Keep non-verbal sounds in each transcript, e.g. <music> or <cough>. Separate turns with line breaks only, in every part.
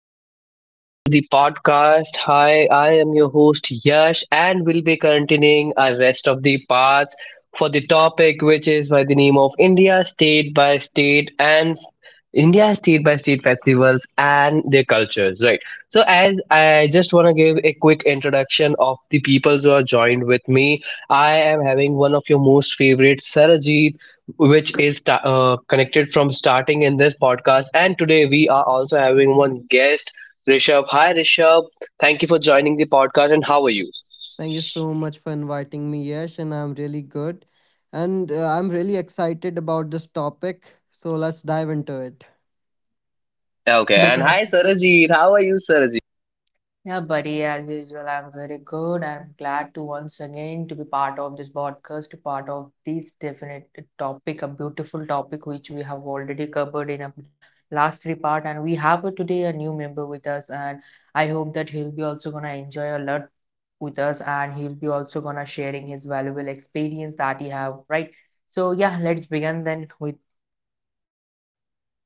and welcome to the podcast. Hi, I am your host Yash, and we'll be continuing our rest of the parts for the topic, which is by the name of India, state by state, and India has state by state festivals and their cultures, right? So, as I just want to give a quick introduction of the people who are joined with me, I am having one of your most favorite, Sarajit, which is connected from starting in this podcast. And today we are also having one guest, Rishabh. Hi, Rishabh. Thank you for joining the podcast, and how are you?
Thank you so much for inviting me, Yash, and I'm really good. And I'm really excited about this topic. So let's dive into it.
Okay, and hi,
Definitely.
Sarajit. How are you, Sarajit?
Yeah, buddy, as usual, I'm very good. I'm glad to once again to be part of this podcast, to part of this definite topic, a beautiful topic which we have already covered in a last three part, and we have today a new member with us, and I hope that he'll be also gonna enjoy a lot with us, and he'll be also gonna sharing his valuable experience that he have, right? So yeah, let's begin then with.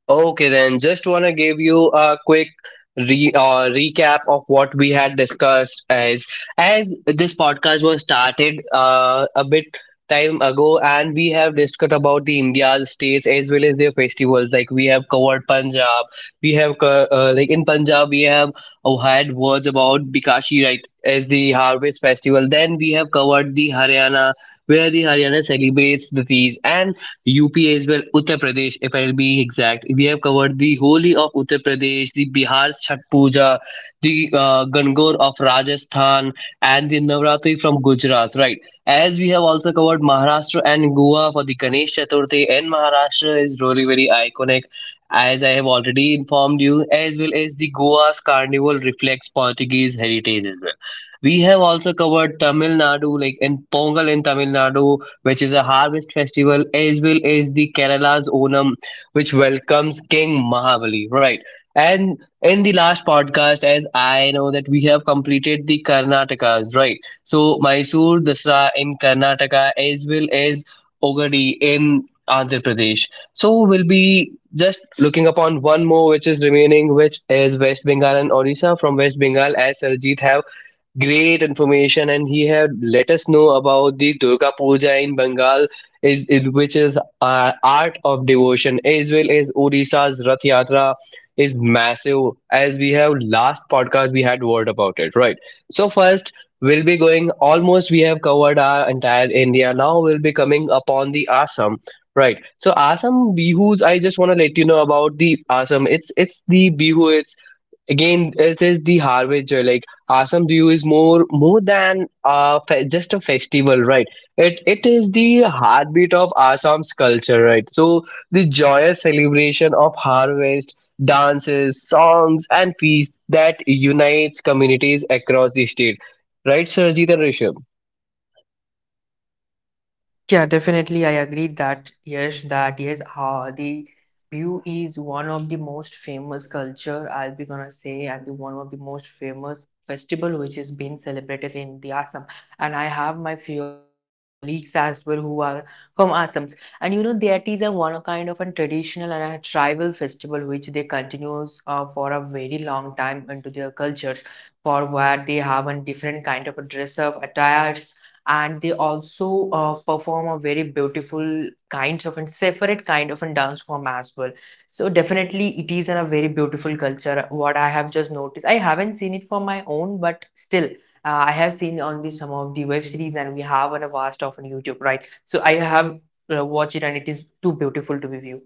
Okay, then just want to give you a quick recap of what we had discussed as this podcast was started a bit time ago, and we have discussed about the India's states as well as their festivals. Like we have covered Punjab, we have like in Punjab we have had words about Bikashi, right, as the harvest festival. Then we have covered the Haryana, where the Haryana celebrates the Teej, and UP as well, Uttar Pradesh, if I'll be exact. We have covered the Holi of Uttar Pradesh, the Bihar's Chhat Puja, the Gangor of Rajasthan, and the Navratri from Gujarat, right? As we have also covered Maharashtra and Goa for the Ganesh Chaturthi, and Maharashtra is really very iconic, as I have already informed you, as well as the Goa's carnival reflects Portuguese heritage as well. We have also covered Tamil Nadu, like in Pongal in Tamil Nadu, which is a harvest festival, as well as the Kerala's Onam, which welcomes King Mahabali, right? And in the last podcast, as I know that we have completed the Karnatakas, right? So Mysore Dasra in Karnataka, as well as Ogadi in Andhra Pradesh. So we'll be just looking upon one more which is remaining, which is West Bengal and Odisha. From West Bengal, as Sarjeet have great information and he have let us know about the Durga Puja in Bengal is which is art of devotion, as well as Odisha's Rath Yatra is massive, as we have last podcast we had word about it, right? So first we'll be going almost, we have covered our entire India. Now we'll be coming upon the Assam, right? So Assam bihus, I just want to let you know about the Assam, it's the bihu again. It is the harbinger. Like Assam view is more than just a festival, right? It is the heartbeat of Assam's culture, right? So the joyous celebration of harvest, dances, songs, and feasts that unites communities across the state, right Sarjeet and Rishabh?
Yeah, definitely. I agree that yes, the view is one of the most famous culture, I'll be gonna say, and the one of the most famous festival which is being celebrated in the Assam. And I have my few of the colleagues as well who are from Assam. And you know, that is a one kind of a traditional and a tribal festival which they continues for a very long time into their cultures, for where they have a different kind of a dress up attire and they also perform a very beautiful kinds of and separate kind of a dance form as well. So definitely it is in a very beautiful culture. What I have just noticed, I haven't seen it for my own, but still. I have seen on the some of the web series, and we have on a vast of on YouTube, right? So I have watched it, and it is too beautiful to be viewed.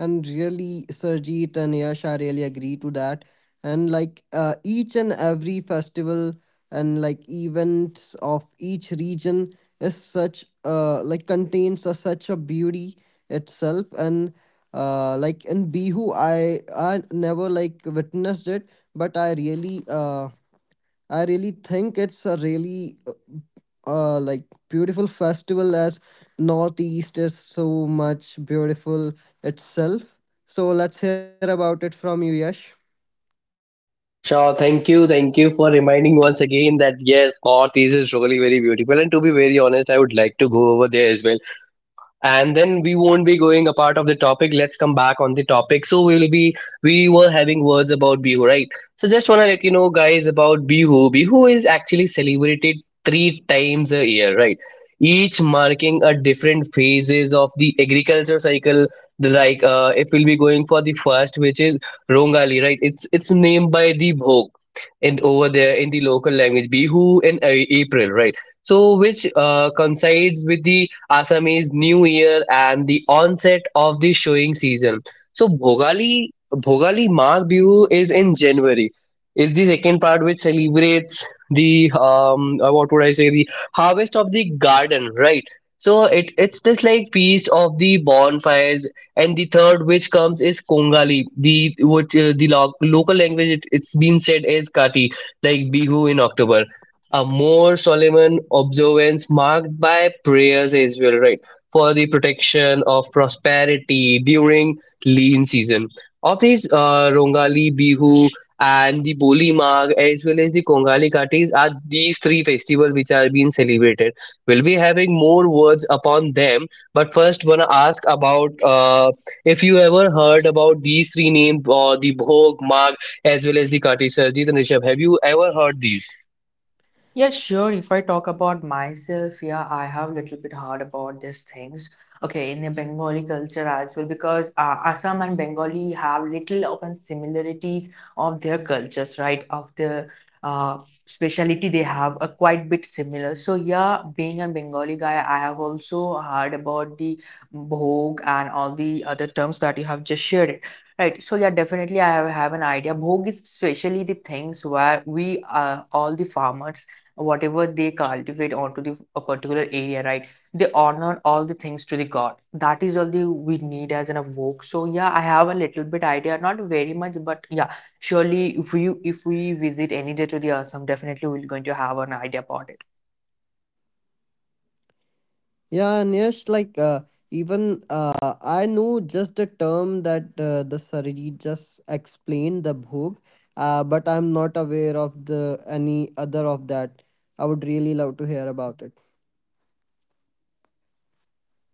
And really, Sarjeet and Yash, I really agree to that. And each and every festival and like events of each region is such like contains such a beauty itself. And in Bihu, I never like witnessed it, but I really think it's a really uh, like beautiful festival as Northeast is so much beautiful itself. So let's hear about it from you, Yash.
Sure, thank you for reminding once again that yes, North East is really very beautiful. And to be very honest, I would like to go over there as well. And then we won't be going apart of the topic. Let's come back on the topic. So we'll be, we were having words about bihu, right? So just want to let you know guys about bihu. Bihu is actually celebrated three times a year, right, each marking a different phases of the agriculture cycle. The like if we'll be going for the first, which is rongali, right, it's named by the bhog, and over there in the local language bihu in april, right, so which coincides with the Assamese New Year, and the onset of the showing season. So Bhogali Mag Bihu is in January. Is the second part, which celebrates the what would I say, the harvest of the garden, right? So it it's just like feast of the bonfires, and the third which comes is Kongali, the what the local language it, it's been said is Kati, like Bihu in October, a more solemn observance marked by prayers as well, right? For the protection of prosperity during lean season. Of these, Rongali, Bihu, and the Boli Mag, as well as the Kongali Katis, are these three festivals which are being celebrated. We'll be having more words upon them, but first, wanna ask about if you ever heard about these three names or the Bhog, Mag, as well as the Katis. Sarjeet and Rishabh, have you ever heard these?
Yeah, sure. If I talk about myself, yeah, I have a little bit hard about these things. Okay, in the Bengali culture as well, because Assam and Bengali have little open similarities of their cultures, right? Of the uh, speciality they have a quite bit similar. So yeah, being a Bengali guy, I have also heard about the bhog and all the other terms that you have just shared. It. Right, so yeah, definitely I have an idea. Bhog is especially the things where we all the farmers whatever they cultivate onto the a particular area, right? They honor all the things to the god, that is all the we need as an evoke. So yeah, I have a little bit idea, not very much, but yeah, surely if we visit any day to the Assam, definitely we're going to have an idea about it.
Yeah, and Yash, like even I know just the term that the Sariji just explained, the bhog, but I'm not aware of the any other of that. I would really love to hear about it.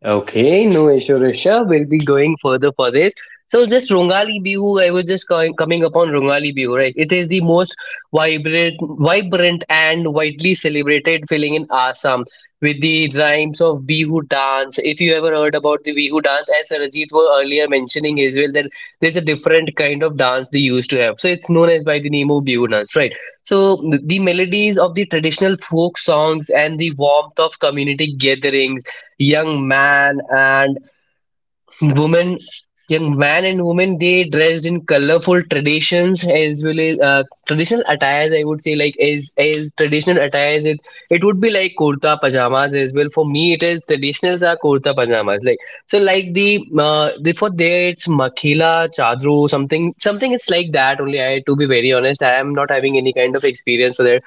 Okay, no issue, Risha. We'll be going further for this. So, this Rongali Bihu, I was just coming upon Rongali Bihu, right? It is the most vibrant and widely celebrated feeling in Assam with the rhymes of Bihu dance. If you ever heard about the Bihu dance, as Rajit was earlier mentioning as well, that there's a different kind of dance they used to have. So, it's known as by the name of Bihu dance, right? So, the melodies of the traditional folk songs and the warmth of community gatherings, young man and woman young man and woman, they dressed in colorful traditions as well as traditional attires, I would say. Like as traditional attires, it would be like kurta pajamas as well. For me, it is traditionals are kurta pajamas. Like so, like the for there it's makhila chadru, something something, it's like that only. I, to be very honest, I am not having any kind of experience for that.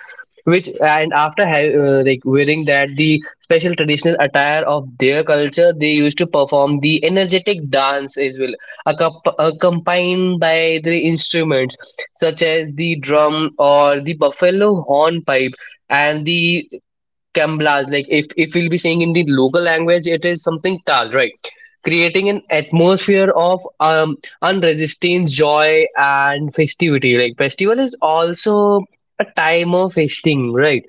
Which, and after like wearing that the special traditional attire of their culture, they used to perform the energetic dance as well, accompanied by the instruments such as the drum or the buffalo hornpipe, and the kamblas, like if we'll be saying in the local language, it is something tal, right, creating an atmosphere of unresisting joy and festivity. Like festival is also a time of feasting, right,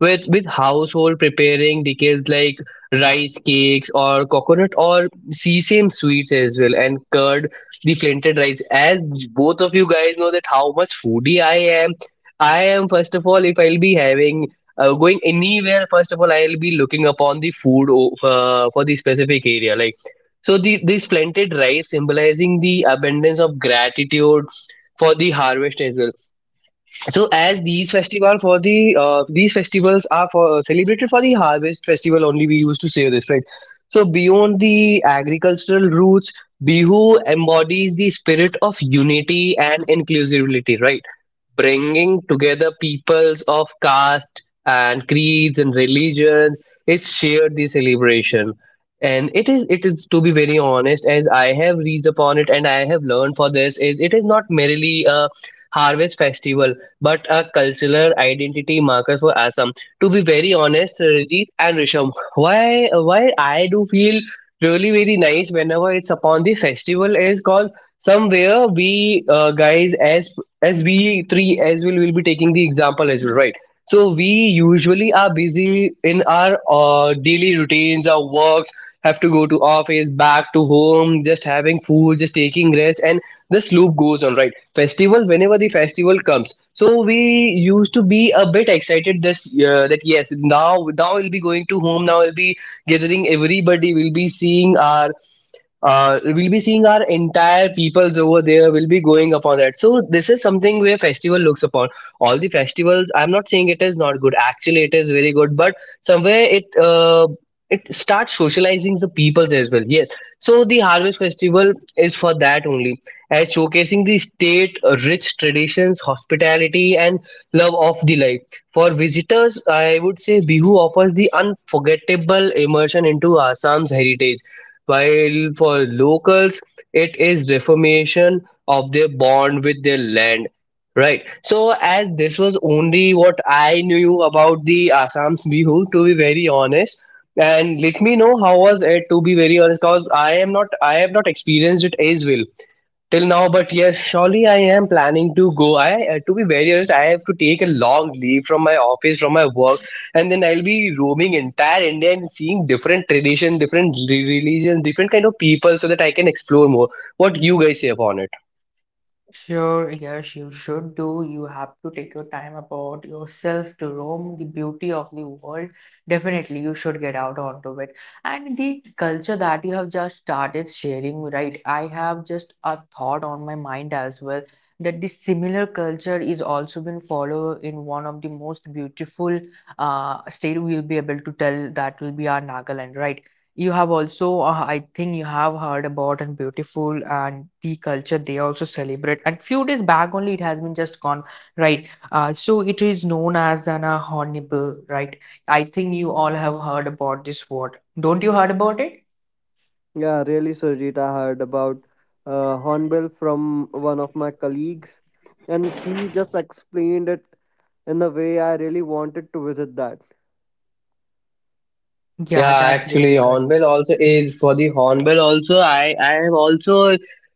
with household preparing dishes like rice cakes, or coconut or sesame sweets as well, and curd, the flinted rice. As both of you guys know that how much foodie am I am, first of all, if I'll be having going anywhere, first of all I'll be looking upon the food for the specific area. Like so, the this flinted rice symbolizing the abundance of gratitude for the harvest as well. So as these festival for the these festivals are for celebrated for the harvest festival only, we used to say this, right? So beyond the agricultural roots, bihu embodies the spirit of unity and inclusivity, right, bringing together peoples of caste and creeds and religions. It's shared the celebration. And it is, to be very honest, as I have reached upon it and I have learned for this, is it is not merely a harvest festival, but a cultural identity marker for Assam. To be very honest, Rajit and Risham, why I do feel really very nice whenever it's upon the festival is called, somewhere we guys, as we three as well will be taking the example as well, right? So we usually are busy in our daily routines, our works, have to go to office, back to home, just having food, just taking rest, and this loop goes on, right? Festival, whenever the festival comes, so we used to be a bit excited this that yes, now we'll be going to home, now we'll be gathering everybody, we'll be seeing our entire peoples over there, will be going upon that. So this is something where festival looks upon, all the festivals, I'm not saying it is not good, actually it is very good, but somewhere it it starts socializing the peoples as well, yes. So the harvest festival is for that only, as showcasing the state rich traditions, hospitality, and love of the life. For visitors, I would say Bihu offers the unforgettable immersion into Assam's heritage, while for locals, it is reformation of their bond with their land. Right. So, as this was only what I knew about the Assam's Bihu, to be very honest, and let me know how was it, to be very honest, because I am not, I have not experienced it as well till now. But yes, surely I am planning to go. I to be very honest, I have to take a long leave from my office, from my work, and then I'll be roaming entire India and seeing different tradition, different religions, different kind of people, so that I can explore more. What you guys say upon it?
Sure, yes, you should do. You have to take your time about yourself to roam the beauty of the world. Definitely, you should get out onto it. And the culture that you have just started sharing, right? I have just a thought on my mind as well that this similar culture is also been followed in one of the most beautiful state we'll be able to tell that will be our Nagaland, right? You have also, I think you have heard about and beautiful and the culture they also celebrate. And few days back only, it has been just gone, right? So it is known as an Hornbill, right? I think you all have heard about this word. Don't you heard about it?
Yeah, really, Surjit. I heard about Hornbill from one of my colleagues, and she just explained it in a way I really wanted to visit that.
Yeah,
Yeah, that's really
actually,
good.
hornbill also is for the hornbill also. I have also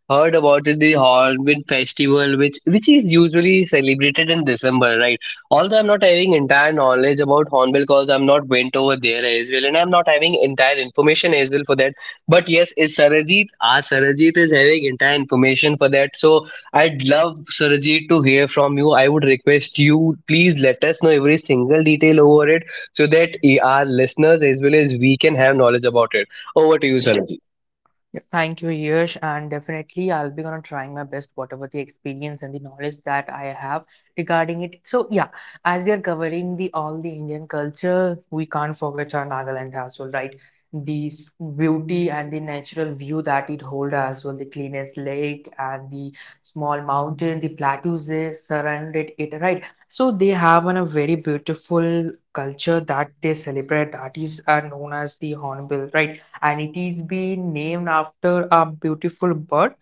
heard about it, the hornbill festival, which is usually celebrated in December, right? Although I'm not having entire knowledge about hornbill because I'm not went over there as well, and I'm not having entire information as well for that. But yes, is Sarajit, our Sarajit is having entire information for that. So I'd love Sarajit to hear from you. I would request you please let us know every single detail over it so that our listeners as well as we can have knowledge about it. Over to you, sir.
Yeah, thank you, Yash, and definitely I'll be gonna trying my best, whatever the experience and the knowledge that I have regarding it. So yeah, as we are covering the all the Indian culture, we can't forget our Nagaland as well, right? The s- Beauty and the natural view that it hold as well, the cleanest lake and the small mountain, the plateaus they surrounded it, right? So they have an, a very beautiful culture that they celebrate that is known as the Hornbill, right? And it is been named after a beautiful bird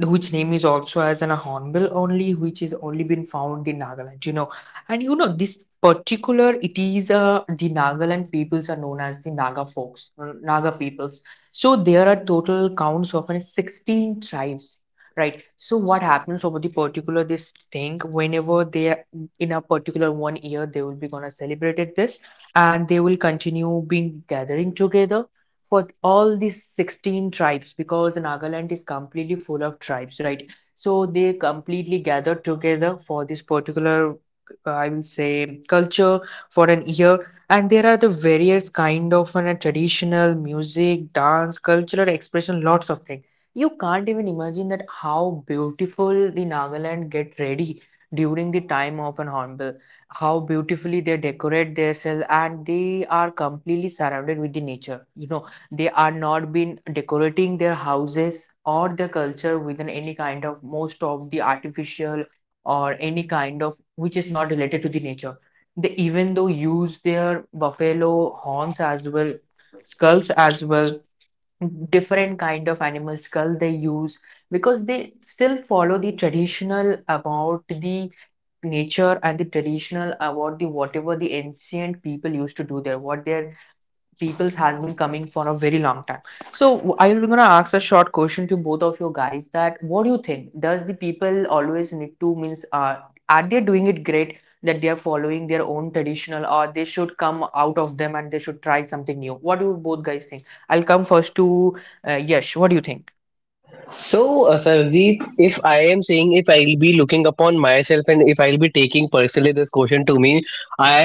whose name is also as an hornbill only, which is only been found in Nagaland, you know. And you know this particular, it is the Nagaland peoples are known as the Naga folks, Naga peoples. So there are total counts of 16 tribes, right? So what happens over the particular this thing, whenever they are in a particular one year they will be gonna celebrate it this, and they will continue being gathering together for all these 16 tribes because Nagaland is completely full of tribes, right? So they completely gather together for this particular, I will say, culture for an year. And there are the various kind of traditional music, dance, cultural expression, lots of things. You can't even imagine that how beautiful the Nagaland get ready during the time of an hornbill, how beautifully they decorate themselves and they are completely surrounded with the nature, you know. They are not been decorating their houses or their culture with any kind of most of the artificial or any kind of which is not related to the nature. They even though use their buffalo horns as well, skulls as well, different kind of animal skull they use because they still follow the traditional about the nature and the traditional about the whatever the ancient people used to do there, what their people's has been coming for a very long time. So I'm gonna ask a short question to both of you guys, that what do you think? Does the people always need to means are they doing it great that they are following their own traditional, or they should come out of them and they should try something new? What do you both guys think? I'll come first to Yash. What do you think?
So, Sarjeet, if I am saying if I'll be looking upon myself and if I'll be taking personally this question to me, I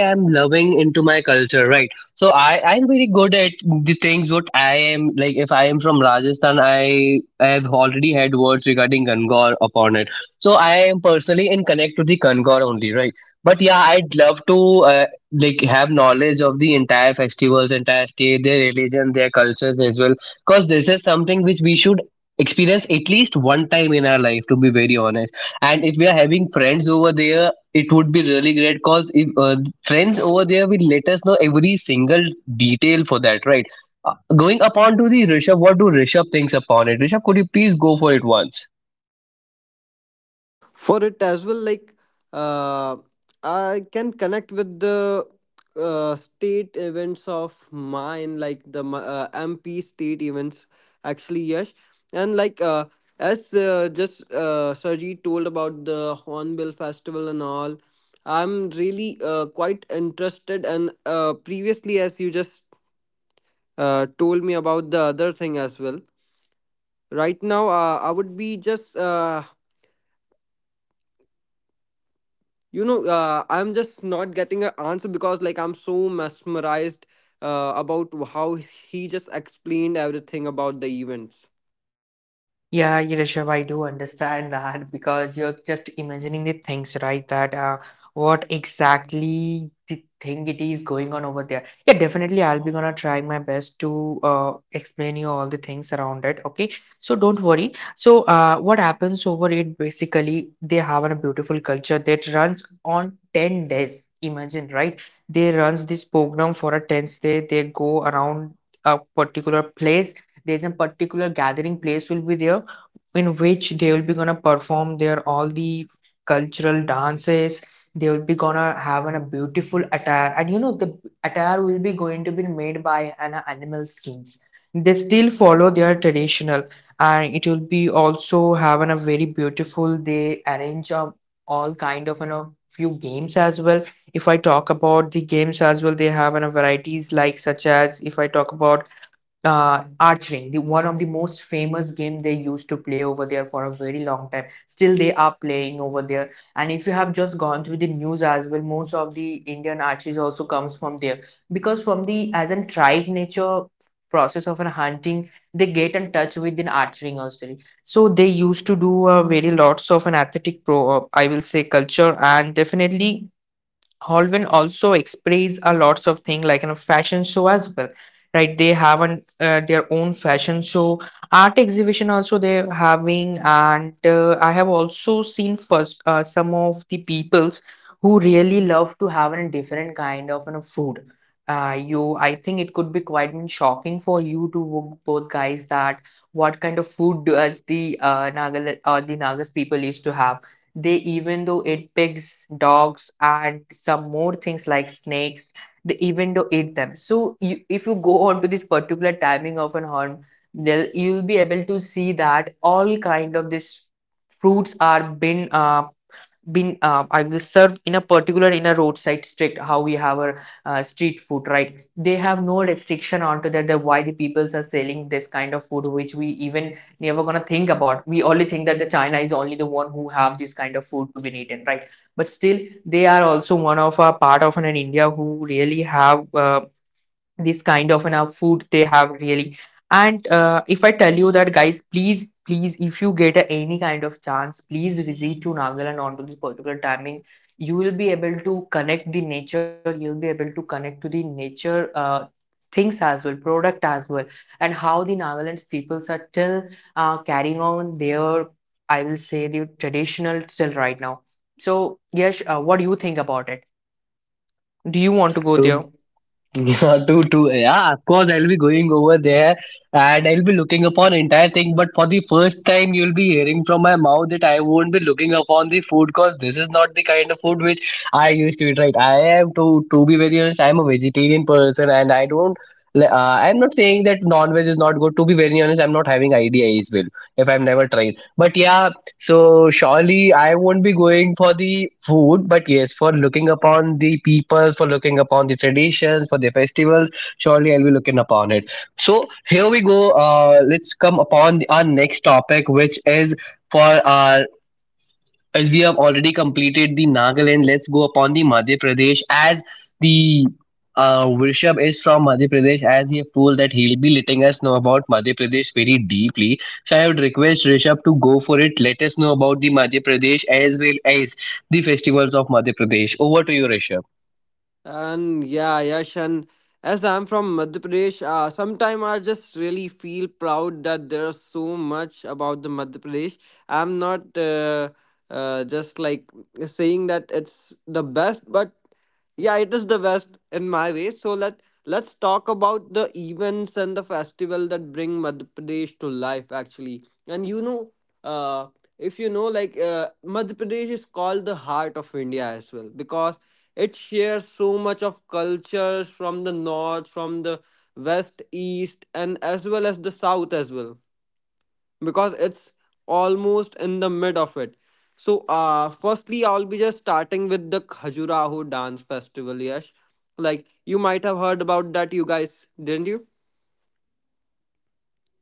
am loving into my culture, right? So, I am very good at the things what I am like. If I am from Rajasthan, I have already had words regarding Gangor upon it. So, I am personally in connect to the Gangor only, right? But yeah, I'd love to uh, like have knowledge of the entire festivals, entire state, their religion, their cultures as well because this is something which we should experience at least one time in our life, to be very honest, and if we are having friends over there it would be really great because if friends over there will let us know every single detail for that, right? Going upon to the Rishabh, what do Rishabh thinks upon it? Rishabh, could you please go for it once?
For it as well, uh, I can connect with the state events of mine, like the MP state events, actually. Yes. And like as just Sarji told about the hornbill festival and all. I'm really quite interested, and previously, as you just told me about the other thing as well. Right now, I would be just I'm just not getting an answer because like I'm so mesmerized about how he just explained everything about the events.
Yeah, Rishabh, I do understand that because you're just imagining the things, right? That what exactly the thing it is going on over there. Yeah, definitely, I'll be gonna try my best to explain you all the things around it. Okay, so don't worry. So, what happens over it? Basically, they have a beautiful culture that runs on 10 days. Imagine, right? They runs this program for a 10 day. They go around a particular place. There's a particular gathering place will be there in which they will be gonna perform their all the cultural dances. They will be gonna have an, a beautiful attire, and you know the attire will be going to be made by an animal skins. They still follow their traditional, and it will be also having a very beautiful, they arrange a, all kind of you know few games as well. If I talk about the games as well, they have a varieties like such as, if I talk about archery, the one of the most famous game they used to play over there for a very long time. Still, they are playing over there. And if you have just gone through the news as well, most of the Indian archery also comes from there because from the as an tribe nature process of an hunting, they get in touch with an archery nursery. So they used to do a very lots of an athletic I will say, culture, and definitely Holden also express a lots of things like in a fashion show as well, right? They have an, their own fashion show, art exhibition also they're having, and I have also seen first some of the peoples who really love to have a different kind of you know, food. You, I think it could be quite shocking for you to both guys, that what kind of food does the Naga or the Nagas people used to have. They even though eat pigs, dogs, and some more things like snakes, they even though eat them. So you, if you go on to this particular timing of an horn, they'll, you'll be able to see that all kind of this fruits are been I was served in a particular in a roadside street, how we have a street food, right? They have no restriction onto that, that why the peoples are selling this kind of food which we even never gonna think about. We only think that the China is only the one who have this kind of food to be eaten, right? But still, they are also one of a part of an India who really have this kind of enough food they have, really. And if I tell you that guys, please, please, if you get any kind of chance, please visit to Nagaland onto this particular timing. You will be able to connect the nature, you'll be able to connect to the nature things as well, product as well, and how the Nagaland peoples are still carrying on their, I will say, the traditional till right now. So yes, what do you think about it? Do you want to go there?
Yeah, <laughs> too, too. Yeah, of course, I'll be going over there and I'll be looking upon entire thing. But for the first time, you'll be hearing from my mouth that I won't be looking upon the food because this is not the kind of food which I used to eat. Right? I am to be very honest. I'm a vegetarian person and I don't. I'm not saying that non-veg is not good. To be very honest, I'm not having idea as well if I've never tried. But yeah, so surely I won't be going for the food, but yes, for looking upon the people, for looking upon the traditions, for the festivals, surely I'll be looking upon it. So here we go. Let's come upon our next topic, which is for our, as we have already completed the Nagaland, let's go upon the Madhya Pradesh as the Rishabh is from Madhya Pradesh as he have told that he'll be letting us know about Madhya Pradesh very deeply. So I would request Rishabh to go for it. Let us know about the Madhya Pradesh as well as the festivals of Madhya Pradesh. Over to you, Rishabh.
And yeah, Yash, and as I'm from Madhya Pradesh, sometimes I just really feel proud that there's so much about the Madhya Pradesh. I'm not just like saying that it's the best, but yeah, it is the best in my way. So let Let's talk about the events and the festival that bring Madhya Pradesh to life, actually. And you know, uh, if you know, Madhya Pradesh is called the heart of India as well because it shares so much of cultures from the north, from the west, east, and as well as the south as well, because it's almost in the mid of it. So, firstly, I'll be just starting with the Khajuraho dance festival, Yash. Like, you might have heard about that, you guys, didn't you?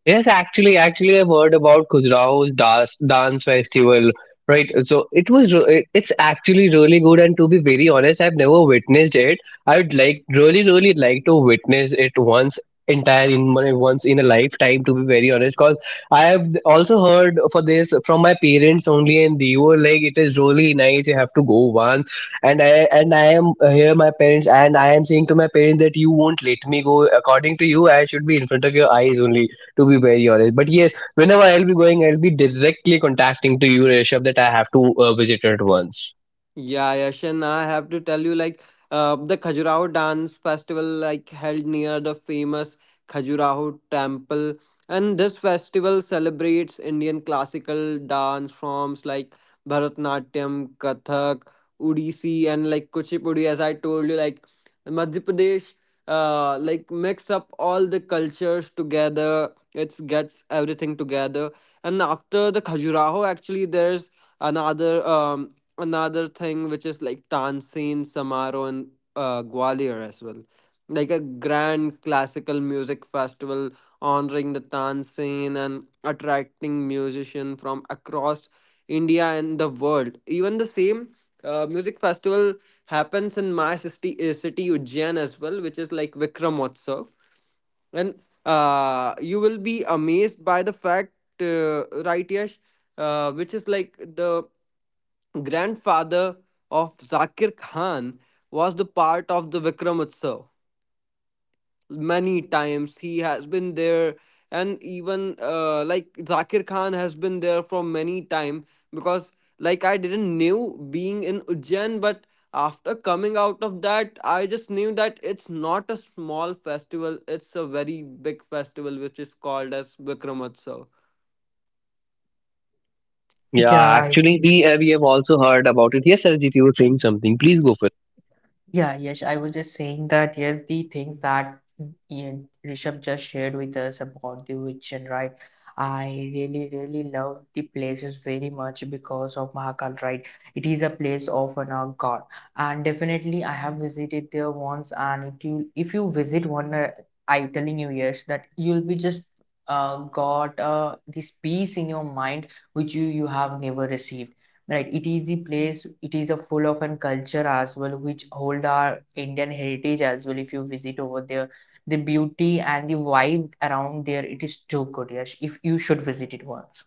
Yes, actually, I've heard about Khajuraho's dance festival, right? So it was, it's actually really good. And to be very honest, I've never witnessed it. I would like really, really like to witness it once entire in my once in a lifetime. To be very honest, because I have also heard for this from my parents only, and they were like, "It is really nice. You have to go once." And I and I am here, my parents, and I am saying to my parents that you won't let me go. According to you, I should be in front of your eyes only, to be very honest. But yes, whenever I'll be going, I'll be directly contacting to you, Rishabh, that I have to visit it once.
Yeah, Yash, and I have to tell you, like, the Khajuraho dance festival, like, held near the famous Khajuraho temple, and this festival celebrates Indian classical dance forms like Bharatanatyam, Kathak, Odissi, and like Kuchipudi. As I told you, like, Madhya Pradesh, mix up all the cultures together. It gets everything together, and after the Khajuraho, actually, there's another um another thing, which is like Tansin Samaro and Gwalior as well. Like a grand classical music festival honoring the Tansin and attracting musicians from across India and the world. Even the same music festival happens in my city, city Ujjain as well, which is like Vikramotsav, and you will be amazed by the fact, right, Yash? Which is like the grandfather of Zakir Khan was the part of the Vikram Utsav many times. He has been there, and even Zakir Khan has been there for many time, because like I didn't knew being in Ujjain, but after coming out of that, I just knew that it's not a small festival. It's a very big festival which is called as Vikram Utsav.
Yeah,
Yeah.
actually, we have also heard about it. Yes, Sarajit, you were saying something. Please go for.
Yeah, yes, I was just saying that yes, the things that Ian Rishabh just shared with us about the witch, right. I really, really love the places very much because of Mahakal, right? It is a place of an god, and definitely I have visited there once. And if you visit one, I telling you yes, that you'll be just got this peace in your mind which you have never received. Right, it is a place, it is a full of an culture as well, which hold our Indian heritage as well. If you visit over there, the beauty and the vibe around there, it is too good. Yes, if you should visit it once.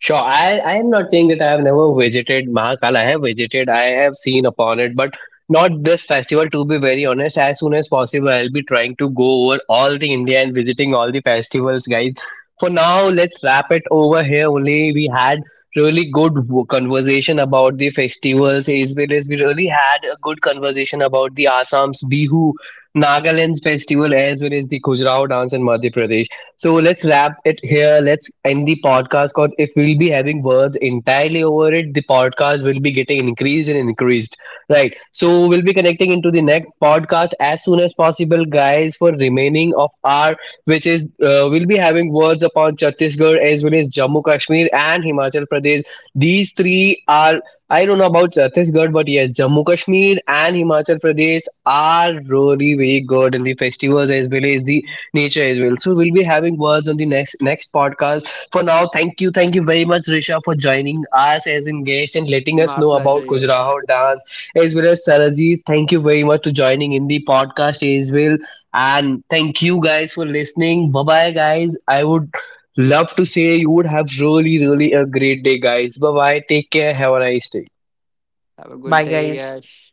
Sure, I am not saying that I have never visited Mahakal. I have visited, I have seen upon it, but not this festival. To be very honest, as soon as possible, I'll be trying to go over all the India and visiting all the festivals, guys. For now, let's wrap it over here. Only we had really conversation about the festivals, as well as we really had a good conversation about the Assam's Bihu, Nagaland's festival, as well as the Khajuraho dance in Madhya Pradesh. So let's wrap it here. Let's end the podcast because if we'll be having words entirely over it, the podcast will be getting increased and increased. Right. So we'll be connecting into the next podcast as soon as possible, guys, for remaining of our, which is we'll be having words upon Chhattisgarh as well as Jammu Kashmir and Himachal Pradesh. These three are, I don't know about Chhattisgarh, but yes, Jammu Kashmir and Himachal Pradesh are really very good in the festivals as well as the nature as well. So we'll be having words on the next podcast. For now, thank you very much, Risha, for joining us as in guest and letting us
My
know about
pleasure, Yash.
Khajuraho dance as well as Sarajit. Thank you very much for joining in the podcast as well, and thank you guys for listening. Bye bye, guys. I would love to say you would have really really a great day, guys. Bye bye. Take care. Have a nice day.
Have a good
Bye,
day,
guys.
Yash.